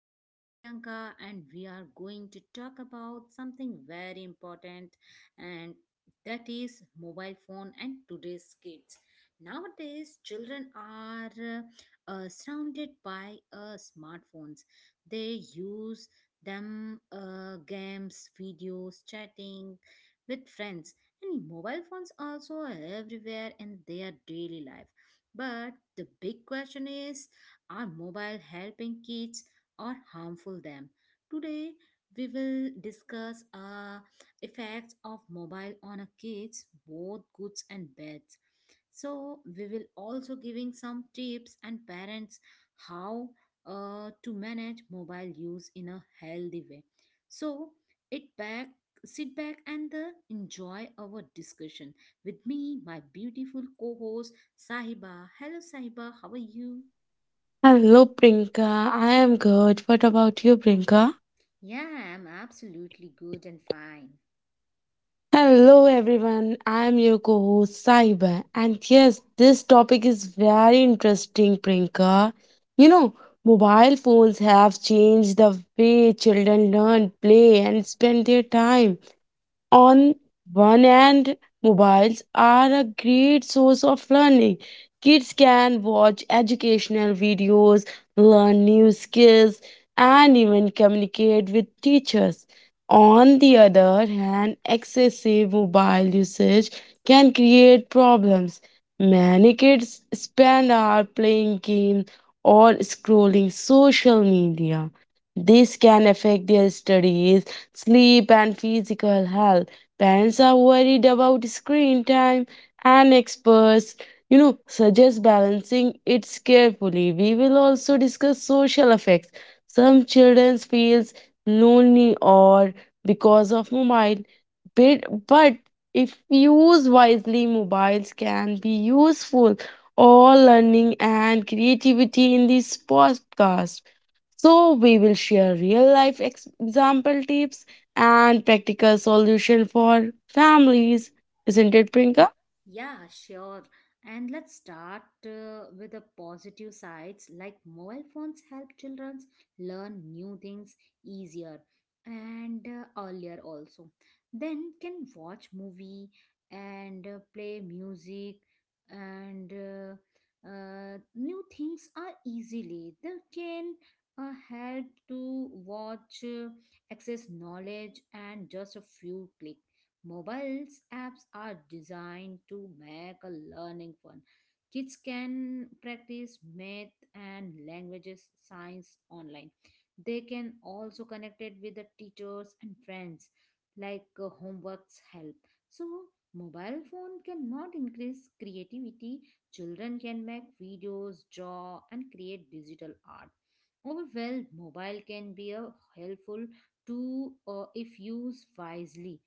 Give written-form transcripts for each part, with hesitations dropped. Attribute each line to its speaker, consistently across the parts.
Speaker 1: I am Priyanka and we are going to talk about something very important and that is mobile phone and today's kids. Nowadays children are surrounded by smartphones. They use them games, videos, chatting with friends and mobile phones also are everywhere in their daily life but the big question is are mobile helping kids or harmful them? Today we will discuss effects of mobile on a kids both goods and bad so we will also giving some tips and parents how to manage mobile use in a healthy way so it back sit back and enjoy our discussion with me my beautiful co-host Sahiba. Hello Sahiba, how are you?
Speaker 2: Hello, Prinka. I am good. What about you, Prinka?
Speaker 1: Yeah, I'm absolutely good and fine.
Speaker 2: Hello, everyone. I am your co host, Saiba. And yes, this topic is very interesting, Prinka. You know, mobile phones have changed the way children learn, play, and spend their time. On one hand, mobiles are a great source of learning. Kids can watch educational videos, learn new skills, and even communicate with teachers. On the other hand, excessive mobile usage can create problems. Many kids spend hours playing games or scrolling social media. This can affect their studies sleep, and physical health. Parents are worried about screen time, and experts, suggest balancing it carefully. We will also discuss social effects. Some children feels lonely or because of mobile, but if used wisely, mobiles can be useful all learning and creativity in this podcast. So, we will share real life example tips and practical solution for families. Isn't it, Prinka?
Speaker 1: Yeah, sure. And let's start with the positive sides like mobile phones help children learn new things easier and earlier also. Then can watch movie and play music and new things are easily. They can help to watch, access knowledge and just a few clicks. Mobiles apps are designed to make a learning fun. Kids can practice math and languages science online. They can also connect it with the teachers and friends like homeworks help. So mobile phone cannot increase creativity. Children can make videos, draw and create digital art. Overall, mobile can be a helpful tool if used wisely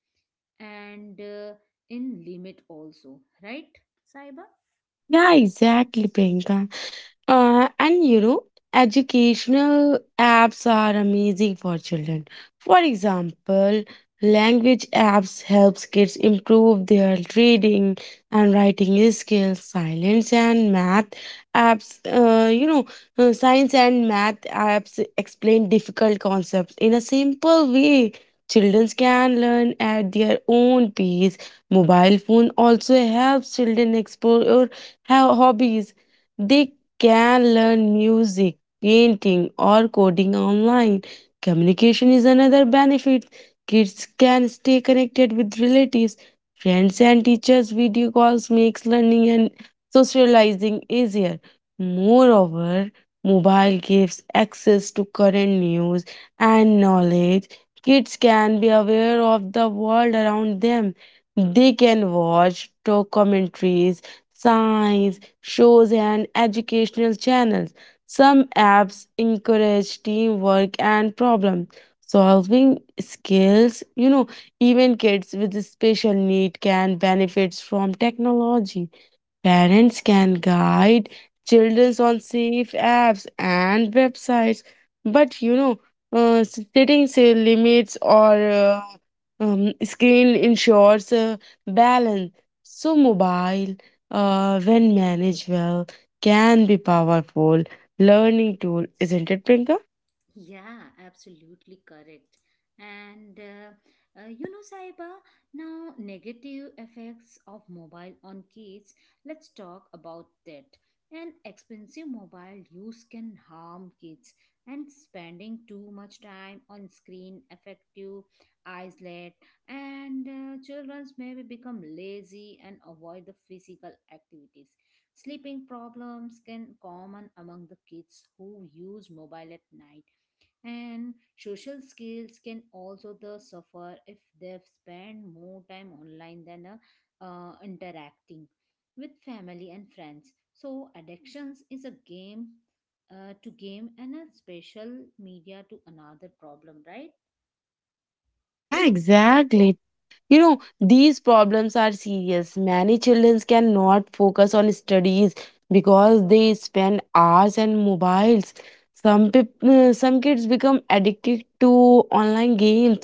Speaker 1: and in limit also, right Saiba?
Speaker 2: Yeah, exactly, Priyanka. Uh, and you know, Educational apps are amazing for children. For example, language apps helps kids improve their reading and writing skills. Science and math apps, you know, science and math apps explain difficult concepts in a simple way. Children can learn at their own pace. Mobile phone also helps children explore how hobbies. They can learn music, painting, or coding online. Communication is another benefit. Kids can stay connected with relatives, friends, and teachers. Video calls makes learning and socializing easier. Moreover, mobile gives access to current news and knowledge. Kids can be aware of the world around them. They can watch documentaries, science shows, and educational channels. Some apps encourage teamwork and problem solving skills. Even kids with special need can benefit from technology. Parents can guide children on safe apps and websites, but setting say limits or screen ensures balance. So mobile, when managed well, can be powerful learning tool, isn't it, Prinka?
Speaker 1: Yeah, absolutely correct. And you know, Saiba, now negative effects of mobile on kids, let's talk about that. An expensive mobile use can harm kids, and spending too much time on screen affect you, eyesight. And children maybe become lazy and avoid the physical activities. Sleeping problems can common among the kids who use mobile at night and social skills can also the suffer if they spend more time online than interacting with family and friends so addictions is a game to game and a special media to another problem, right?
Speaker 2: Yeah, exactly. These problems are serious. Many children cannot focus on studies because they spend hours on mobiles. Some people, some kids become addicted to online games,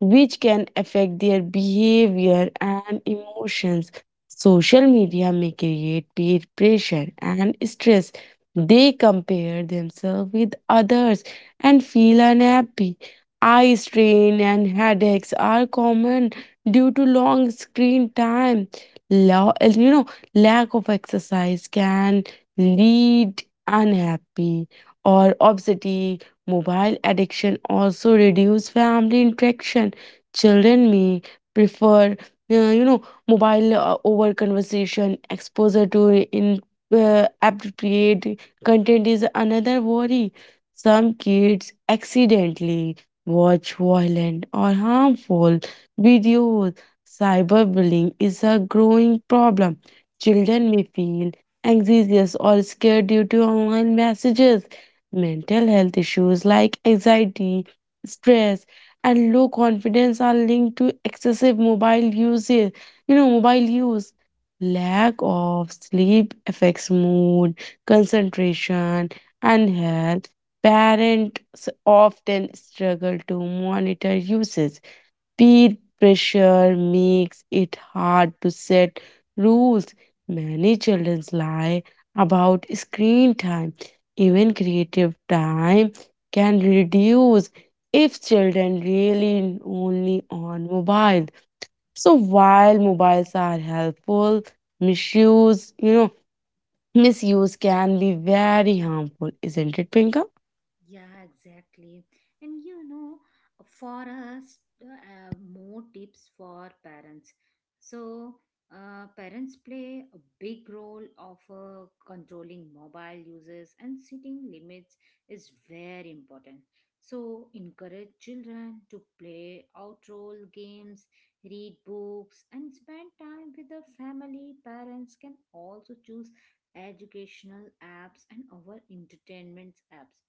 Speaker 2: which can affect their behavior and emotions. Social media may create peer pressure and stress. They compare themselves with others and feel unhappy. Eye strain and headaches are common due to long screen time. Lo- you know, Lack of exercise can lead unhappy or obesity. Mobile addiction also reduce family interaction. Children may prefer, uh, you know, mobile over conversation. Exposure to in appropriate content is another worry. Some kids accidentally watch violent or harmful videos. Cyberbullying is a growing problem. Children may feel anxious or scared due to online messages. Mental health issues like anxiety, stress, and low confidence are linked to excessive mobile usage. You know, mobile use. Lack of sleep affects mood, concentration, and health. Parents often struggle to monitor usage Peer pressure makes it hard to set rules. Many children lie about screen time. Even creative time can reduce if children really only on mobile. So while mobiles are helpful, misuse, you know, misuse can be very harmful, isn't it, Pinka?
Speaker 1: Yeah, exactly. And you know, for us, more tips for parents. So, parents play a big role of controlling mobile uses and setting limits is very important. So, encourage children to play outdoor games, read books, and spend time with the family. Parents can also choose educational apps and our entertainment apps.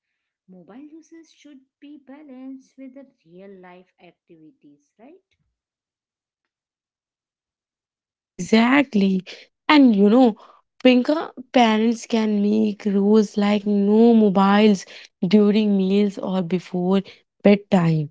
Speaker 1: Mobile uses should be balanced with the real life activities, right?
Speaker 2: Yeah, exactly. And Pinka, parents can make rules like no mobiles during meals or before bedtime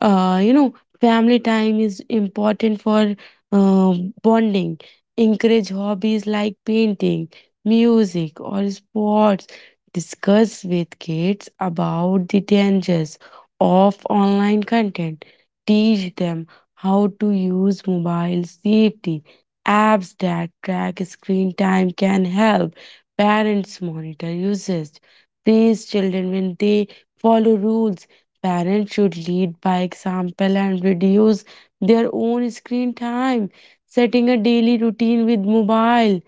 Speaker 2: uh, you know family time is important for uh, bonding encourage hobbies like painting music or sports discuss with kids about the dangers of online content teach them how to use mobile safety apps that track screen time can help parents monitor usage praise children when they follow rules Parents should lead by example and reduce their own screen time. Setting a daily routine with mobile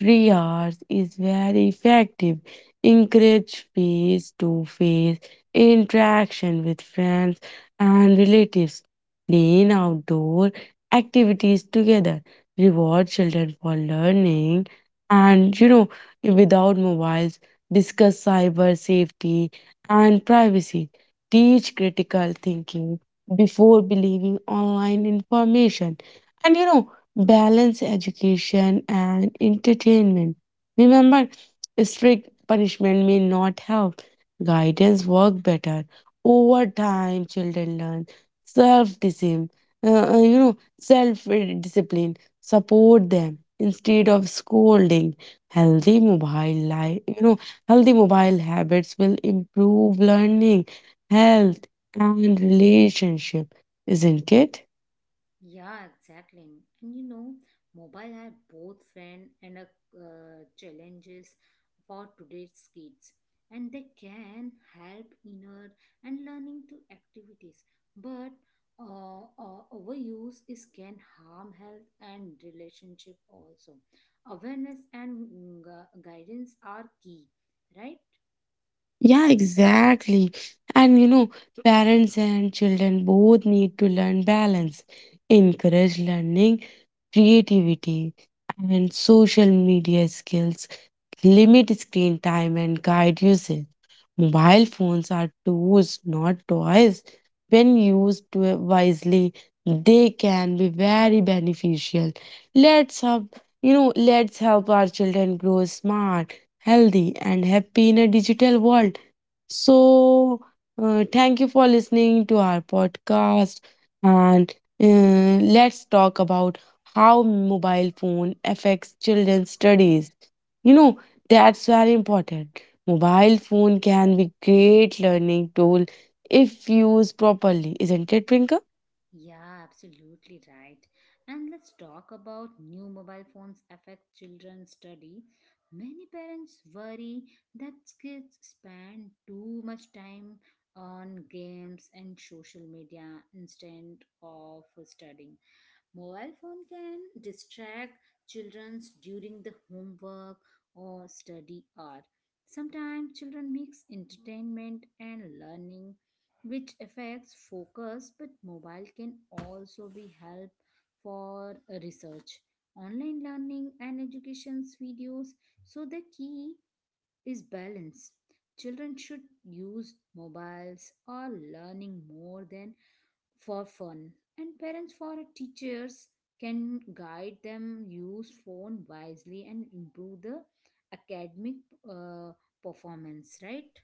Speaker 2: free hours is very effective. Encourage face to face interaction with friends and relatives. Plan outdoor activities together. Reward children for learning and, you know, without mobiles. Discuss cyber safety and privacy teach critical thinking before believing online information, and you know, balance education and entertainment. Remember, strict punishment may not help, guidance work better. Over time, children learn self discipline, self discipline, support them instead of scolding. Healthy mobile life, you know, healthy mobile habits will improve learning health, and relationship, isn't it?
Speaker 1: Yeah, exactly. And you know, mobile are both friend and a challenges for today's kids and they can help inner and learning to activities but overuse is can harm health and relationship also. Awareness and guidance are key, right?
Speaker 2: Yeah, exactly. And parents and children both need to learn balance, encourage learning, creativity, and social media skills limit screen time and guide usage. Mobile phones are tools, not toys. When used wisely, they can be very beneficial. Let's help our children grow smart, healthy, and happy in a digital world. So, thank you for listening to our podcast. And uh, let's talk about how mobile phone affects children's studies. You know, that's very important. Mobile phone can be great learning tool if used properly, isn't it, Prinka?
Speaker 1: Yeah, absolutely right. And let's talk about new mobile phones affect children's study. Many parents worry that kids spend too much time on games and social media instead of studying. Mobile phone can distract children during the homework or study hour. Sometimes children mix entertainment and learning, which affects focus, but mobile can also be help for research, online learning and education's videos. So the key is balance. Children should use mobiles or learning more than for fun and parents for teachers can guide them use phone wisely and improve the academic uh, performance, right?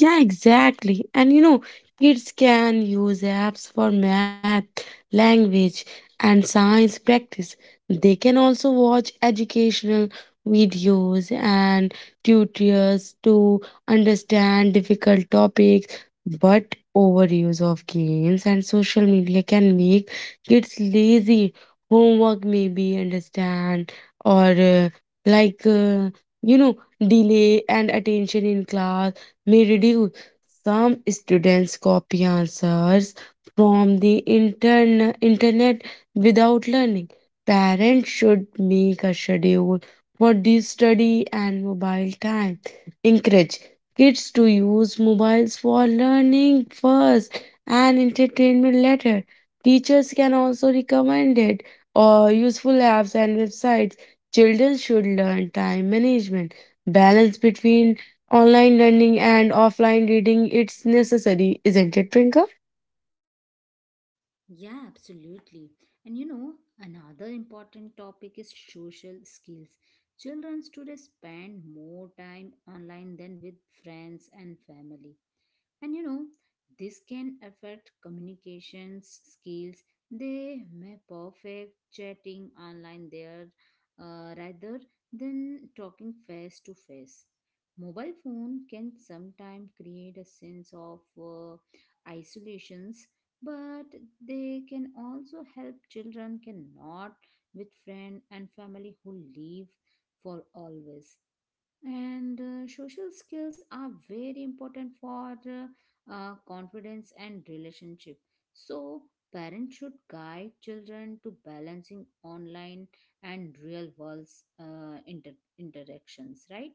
Speaker 2: Yeah, exactly. And kids can use apps for math, language, and science practice. They can also watch educational videos and tutors to understand difficult topics. But overuse of games and social media can make kids lazy. Homework may be understand or like uh, you know delay and attention in class may reduce. Some students copy answers from the internet without learning. Parents should make a schedule for the study and mobile time. Encourage kids to use mobiles for learning first and entertainment later. Teachers can also recommend it or useful apps and websites. Children should learn time management, balance between online learning and offline reading it's necessary isn't it trinka
Speaker 1: Yeah, absolutely. And you know, another important topic is social skills. Children today spend more time online than with friends and family. And you know, this can affect communications skills. They may perfect chatting online there rather than talking face to face. Mobile phone can sometimes create a sense of isolations, but they can also help children cannot with friend and family who live for always and social skills are very important for confidence and relationship so parents should guide children to balancing online and real world interactions, right?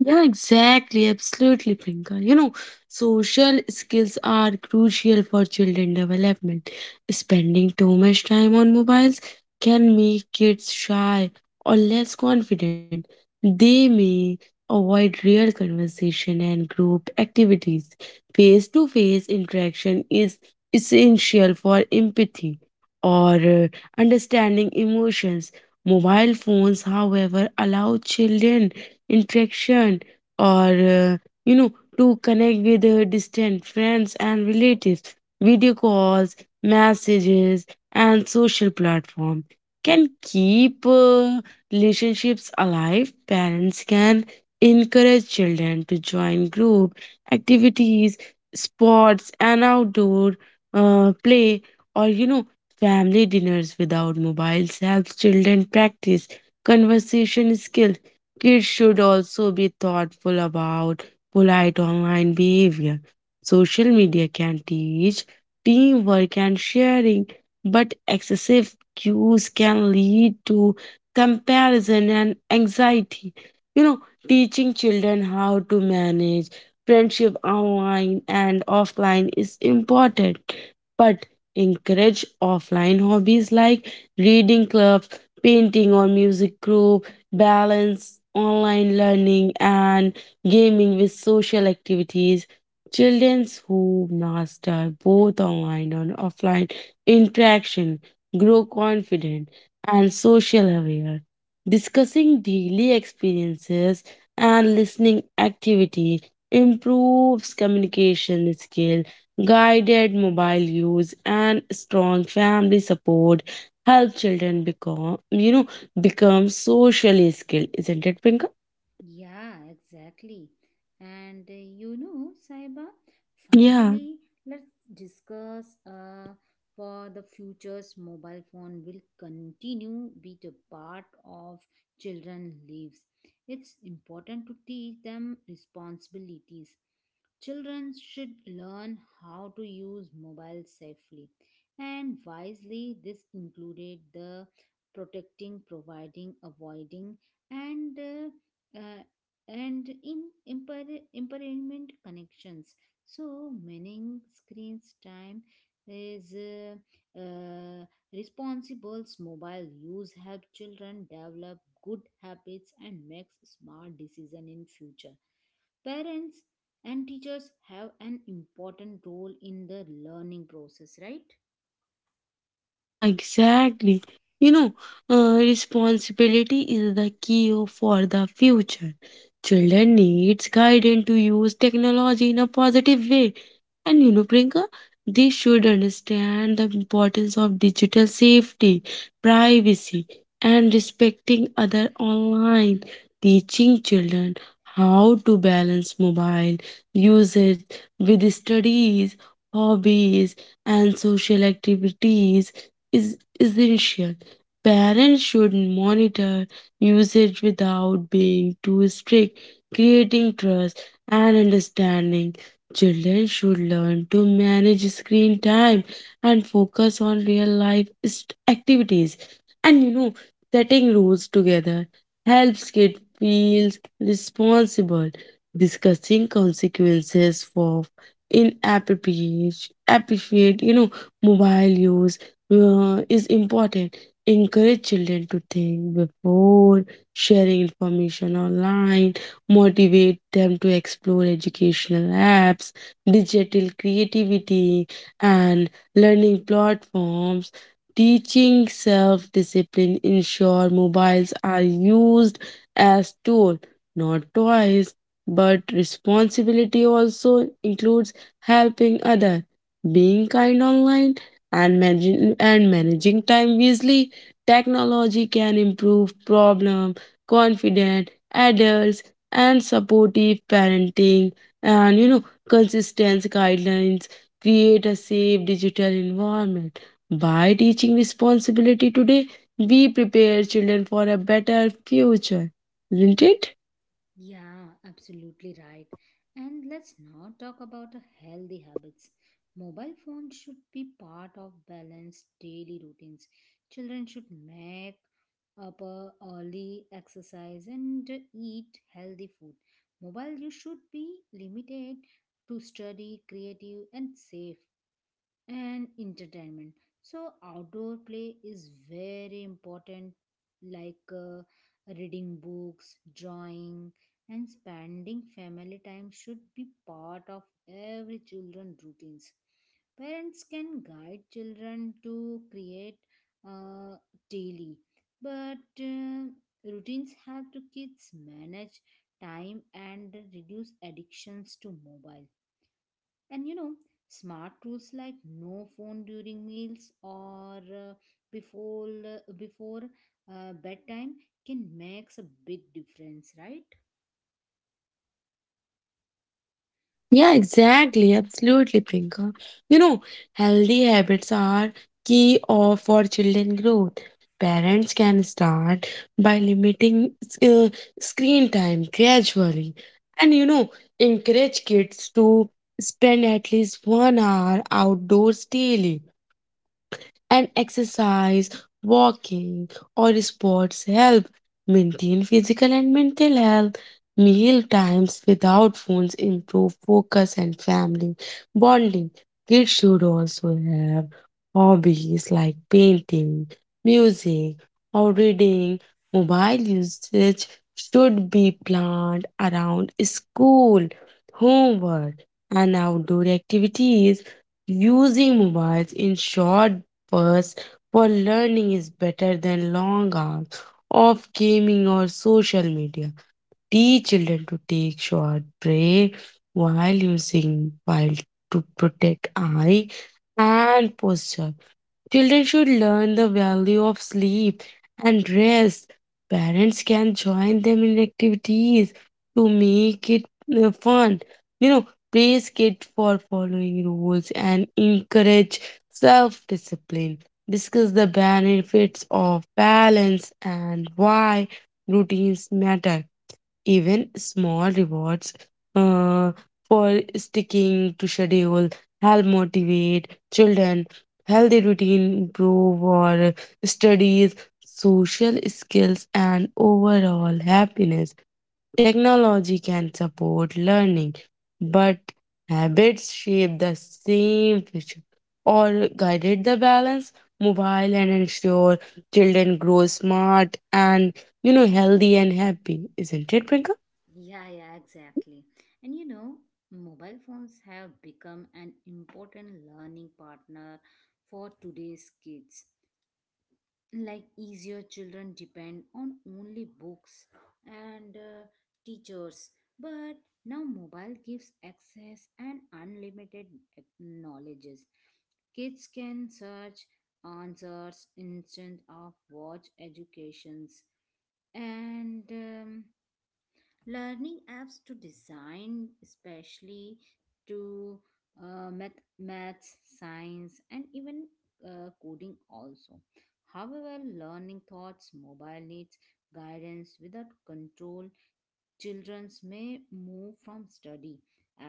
Speaker 2: Yeah, exactly. Absolutely, Priyanka. Social skills are crucial for children development. Spending too much time on mobiles can make kids shy or less confident. They may avoid real conversation and group activities. Face to face interaction is essential for empathy or understanding emotions. Mobile phones, however, allow children interaction or to connect with distant friends and relatives video calls messages and social platform can keep relationships alive parents can encourage children to join group activities sports and outdoor play or family dinners without mobiles helps children practice conversation skills Kids should also be thoughtful about polite online behavior. Social media can teach teamwork and sharing, but excessive cues can lead to comparison and anxiety. You know, Teaching children how to manage friendship online and offline is important, but encourage offline hobbies like reading clubs, painting, or music group balance online learning and gaming with social activities. Children who master both online and offline interaction grow confident and social aware. Discussing daily experiences and listening activity improves communication skill, guided mobile use, and strong family support help children become, become socially skilled, isn't it, Pinka?
Speaker 1: Yeah, exactly. And you know, Saiba,
Speaker 2: Yeah.
Speaker 1: finally, let's discuss for the futures mobile phone will continue be the part of children lives. It's important to teach them responsibilities. Children should learn how to use mobile safely and wisely. This included the protecting, providing, avoiding, and uh, uh, and in impermanent connections. So, meaning screens time is responsible's mobile use help children develop good habits and makes smart decision in future. Parents and teachers have an important role in the learning process, right?
Speaker 2: Yeah, exactly. You know, Responsibility is the key for the future. Children needs guidance to use technology in a positive way. And Prinka, they should understand the importance of digital safety, privacy, and respecting other online. Teaching children how to balance mobile usage with studies, hobbies, and social activities is essential. Parents should monitor usage without being too strict, creating trust and understanding. Children should learn to manage screen time and focus on real life activities. And setting rules together helps kids feel responsible. Discussing consequences for in appreciate mobile use is important encourage children to think before sharing information online motivate them to explore educational apps digital creativity and learning platforms teaching self-discipline ensure mobiles are used as tool not toys but responsibility also includes helping other, being kind online, and managing time wisely. Technology can improve problem, confident adults, and supportive parenting, and consistent guidelines create a safe digital environment. By teaching responsibility today, we prepare children for a better future, isn't it?
Speaker 1: Yeah, absolutely right. And let's not talk about a healthy habits. Mobile phones should be part of balanced daily routines. Children should make up a early exercise and eat healthy food. Mobile use should be limited to study, creative, and safe and entertainment so outdoor play is very important like reading books drawing and spending family time should be part of every children routines. Parents can guide children to create uh, daily but routines help to kids manage time and reduce addictions to mobile and you know, smart rules like no phone during meals or before bedtime can makes a big difference, right?
Speaker 2: Yeah, exactly. Absolutely, Priyanka. You know, Healthy habits are key of for children growth. Parents can start by limiting uh, screen time gradually. And you know, Encourage kids to spend at least 1 hour outdoors daily and exercise, walking, or sports help maintain physical and mental health. Meal times without phones improve focus and family bonding. Kids should also have hobbies like painting, music, or reading. Mobile usage should be planned around school, homework, and outdoor activities. Using mobiles in short first, for learning is better than long hours of gaming or social media. Teach children to take short break while using while to protect eye and posture. Children should learn the value of sleep and rest. Parents can join them in activities to make it fun. You know, Praise kids for following rules and encourage self discipline. Discuss the benefits of balance and why routines matter. Even small rewards uh, for sticking to schedule help motivate children. Healthy routine improve our studies, social skills, and overall happiness. Technology can support learning, but habits shape the same future or guided the balance mobile and ensure children grow smart and healthy and happy, isn't it, Priyanka?
Speaker 1: Yeah, yeah, exactly. And you know, mobile phones have become an important learning partner for today's kids. Like easier children depend on only books and teachers but now mobile gives access and unlimited knowledges. Kids can search answers instead of watch educations and learning apps to design especially to maths science and even coding also. However learning thoughts mobile needs guidance without control. Childrens may move from study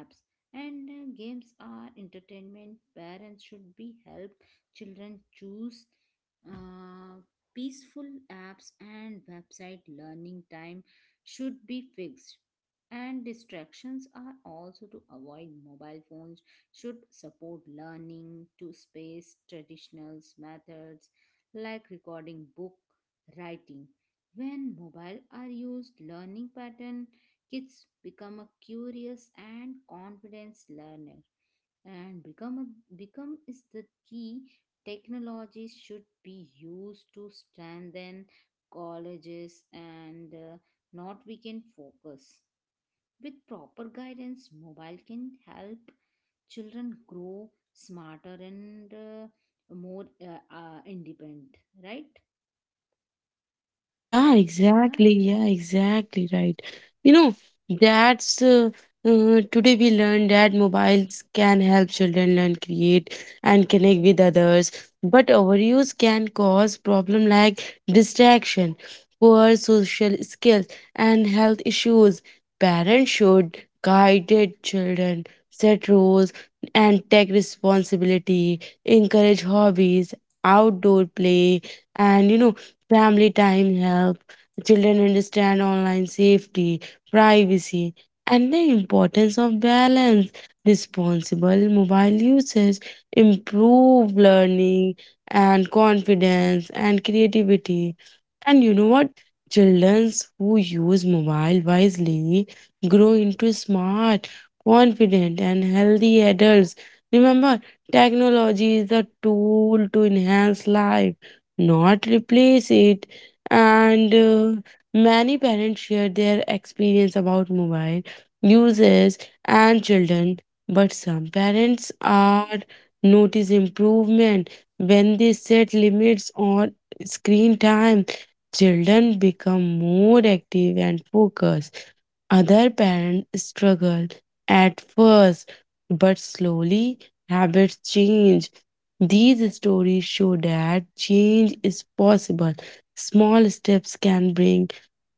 Speaker 1: apps and games are entertainment. Parents should be help children choose uh, peaceful apps and website. Learning time should be fixed and distractions are also to avoid. Mobile phones should support learning to space traditional methods like recording book writing when mobile are used learning pattern, kids become a curious and confident learner and become is the key. Technology should be used to strengthen colleges and not weaken focus. With proper guidance mobile can help children grow smarter and more independent, right?
Speaker 2: Yeah,
Speaker 1: Right Saiba?
Speaker 2: exactly. Yeah, exactly. Right. You know, that's Today we learned that mobiles can help children learn, create, and connect with others. But overuse can cause problem like distraction, poor social skills, and health issues. Parents should guide their children, set rules, and take responsibility. Encourage hobbies, outdoor play, and Family time help children understand online safety, privacy, and the importance of balance. Responsible mobile usage improve learning and confidence and creativity. And you know what? Childrens who use mobile wisely grow into smart, confident, and healthy adults. Remember, technology is a tool to enhance life, not replace it. And Many parents share their experience about mobile uses and children, but some parents are notice improvement when they set limits on screen time Children become more active and focused. Other parents struggle at first, but slowly habits change. These stories show that change is possible. Small steps can bring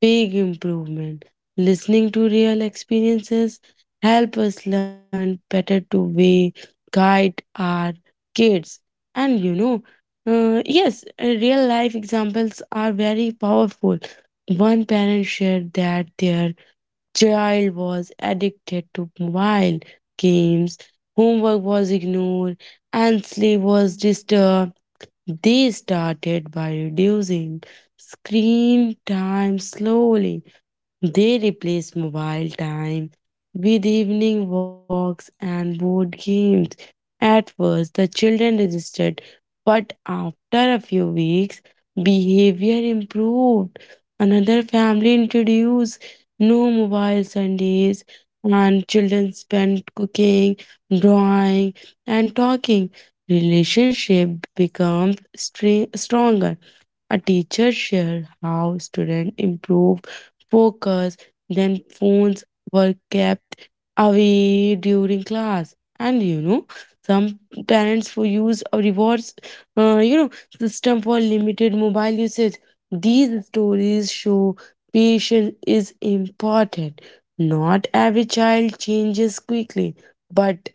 Speaker 2: big improvement. Listening to real experiences help us learn better to way guide our kids. And you know, yes, Real life examples are very powerful. One parent shared that their child was addicted to mobile games, homework was ignored, and sleep was disturbed. They started by reducing screen time slowly they replace mobile time with evening walks and board games. At first, the children resisted, but after a few weeks, behavior improved. Another family introduced no mobile Sundays, and children spent cooking, drawing, and talking. Relationship becomes stronger. A teacher shared how students improve focus. Then phones were kept away during class. And some parents for use a rewards, uh, you know, system for limited mobile usage. These stories show patience is important. Not every child changes quickly, but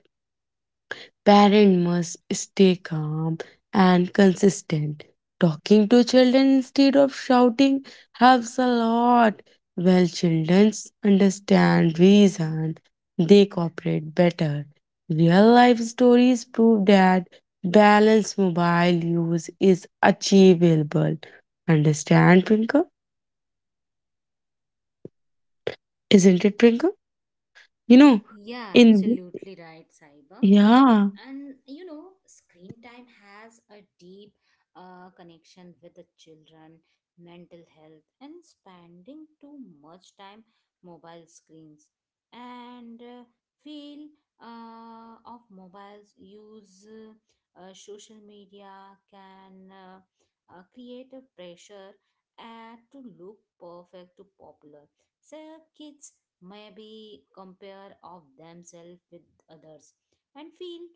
Speaker 2: Parent must stay calm and consistent. Talking to children instead of shouting helps a lot. Well, children understand reason, they cooperate better. Real life stories prove that balanced mobile use is achievable. Understand, Prinka? Isn't it, Prinka? You know,
Speaker 1: Yeah,
Speaker 2: in
Speaker 1: absolutely right, Saiba.
Speaker 2: Yeah,
Speaker 1: And you know, screen time has a deep connection with the children, mental health, and spending too much time mobile screens. And feel of mobiles use social media can create a pressure to look perfect to popular. So kids maybe compare of themselves with others and feel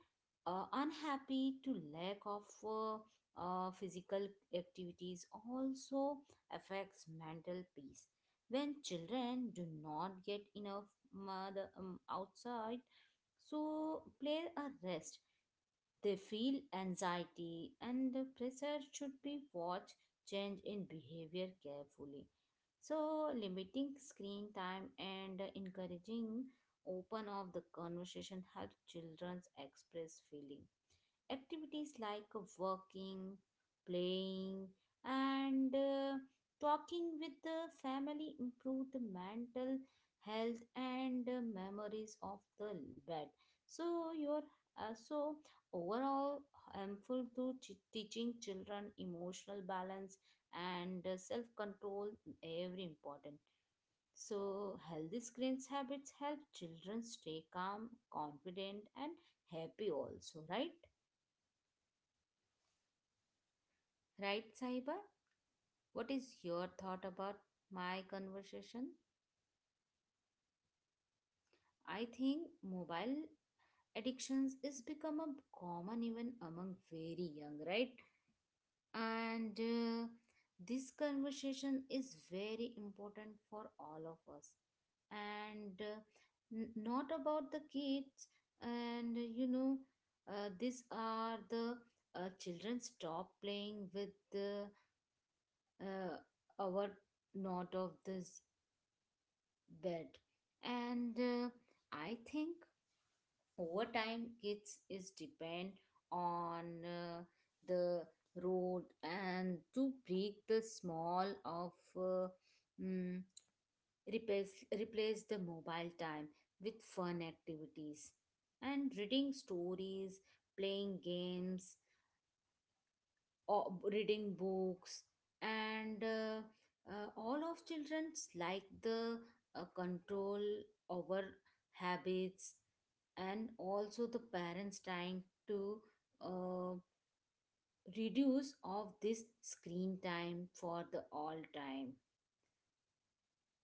Speaker 1: unhappy to lack of physical activities also affects mental peace when children do not get enough mother outside so play a rest they feel anxiety and the pressure should be watched change in behavior carefully. So limiting screen time and encouraging open of the conversation help children express feeling. Activities like working, playing, and talking with the family improve the mental health and memories of the bed. So your so overall helpful to teaching children emotional balance and self control every important so healthy screens habits help children stay calm confident and happy also, right?
Speaker 2: yeah, exactly. And you know,
Speaker 1: Right, Sahiba?
Speaker 2: in the,
Speaker 1: What is your
Speaker 2: Yeah,
Speaker 1: thought about my
Speaker 2: yeah,
Speaker 1: conversation?
Speaker 2: yeah, exactly, Priyanka. In this
Speaker 1: I
Speaker 2: bonus
Speaker 1: think
Speaker 2: segment,
Speaker 1: mobile addictions is become a common even among very young, right?
Speaker 2: yeah,
Speaker 1: And this conversation is very important for all of us. And not about the kids and you know these are the children stop playing with the uh, our not of this bed and I think
Speaker 2: yeah,
Speaker 1: over time kids is depend on uh, the road and to break the small of uh, mm, replace, replace the mobile time with
Speaker 2: yeah,
Speaker 1: fun
Speaker 2: exactly.
Speaker 1: activities and reading stories playing games or reading books and all of children's like the control over habits and also the parents trying to uh, reduce of this screen time for the all time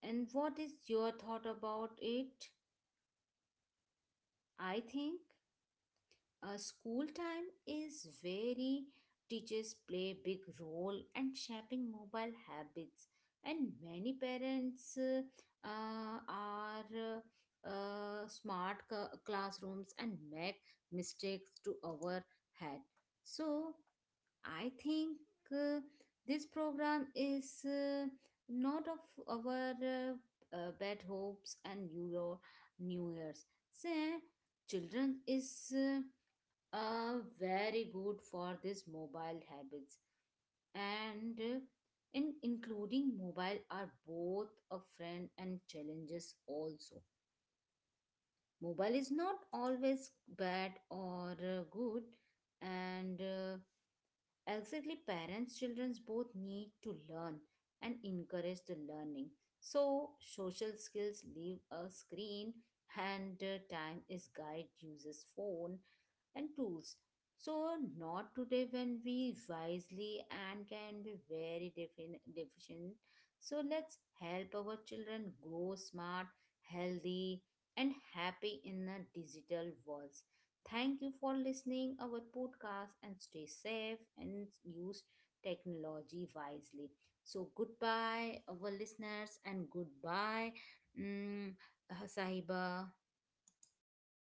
Speaker 1: and what is your thought about it.
Speaker 2: Yeah, exactly.
Speaker 1: I think
Speaker 2: Screen
Speaker 1: school
Speaker 2: time
Speaker 1: time
Speaker 2: should
Speaker 1: is
Speaker 2: be very
Speaker 1: very
Speaker 2: limited
Speaker 1: teachers
Speaker 2: and
Speaker 1: play big role and shaping mobile habits and many parents are smart classrooms and make mistakes to our head so I think uh, this program is not of our bad hopes and your new year's say children is very good for this mobile habits and in including mobile are both a friend and challenges also. Mobile is not always bad or good and exactly, parents, children
Speaker 2: yeah,
Speaker 1: both need to learn
Speaker 2: exactly.
Speaker 1: and
Speaker 2: Yeah.
Speaker 1: encourage the learning. So, social skills leave a screen, and time is guide uses phone and tools. So, not today when we wisely and can be very deficient. So, let's help our children grow smart, healthy, and happy in the digital world. Thank you for listening our podcast and stay safe and use technology wisely. So goodbye our listeners and goodbye mm, Sahiba.
Speaker 2: Bye bye, everyone.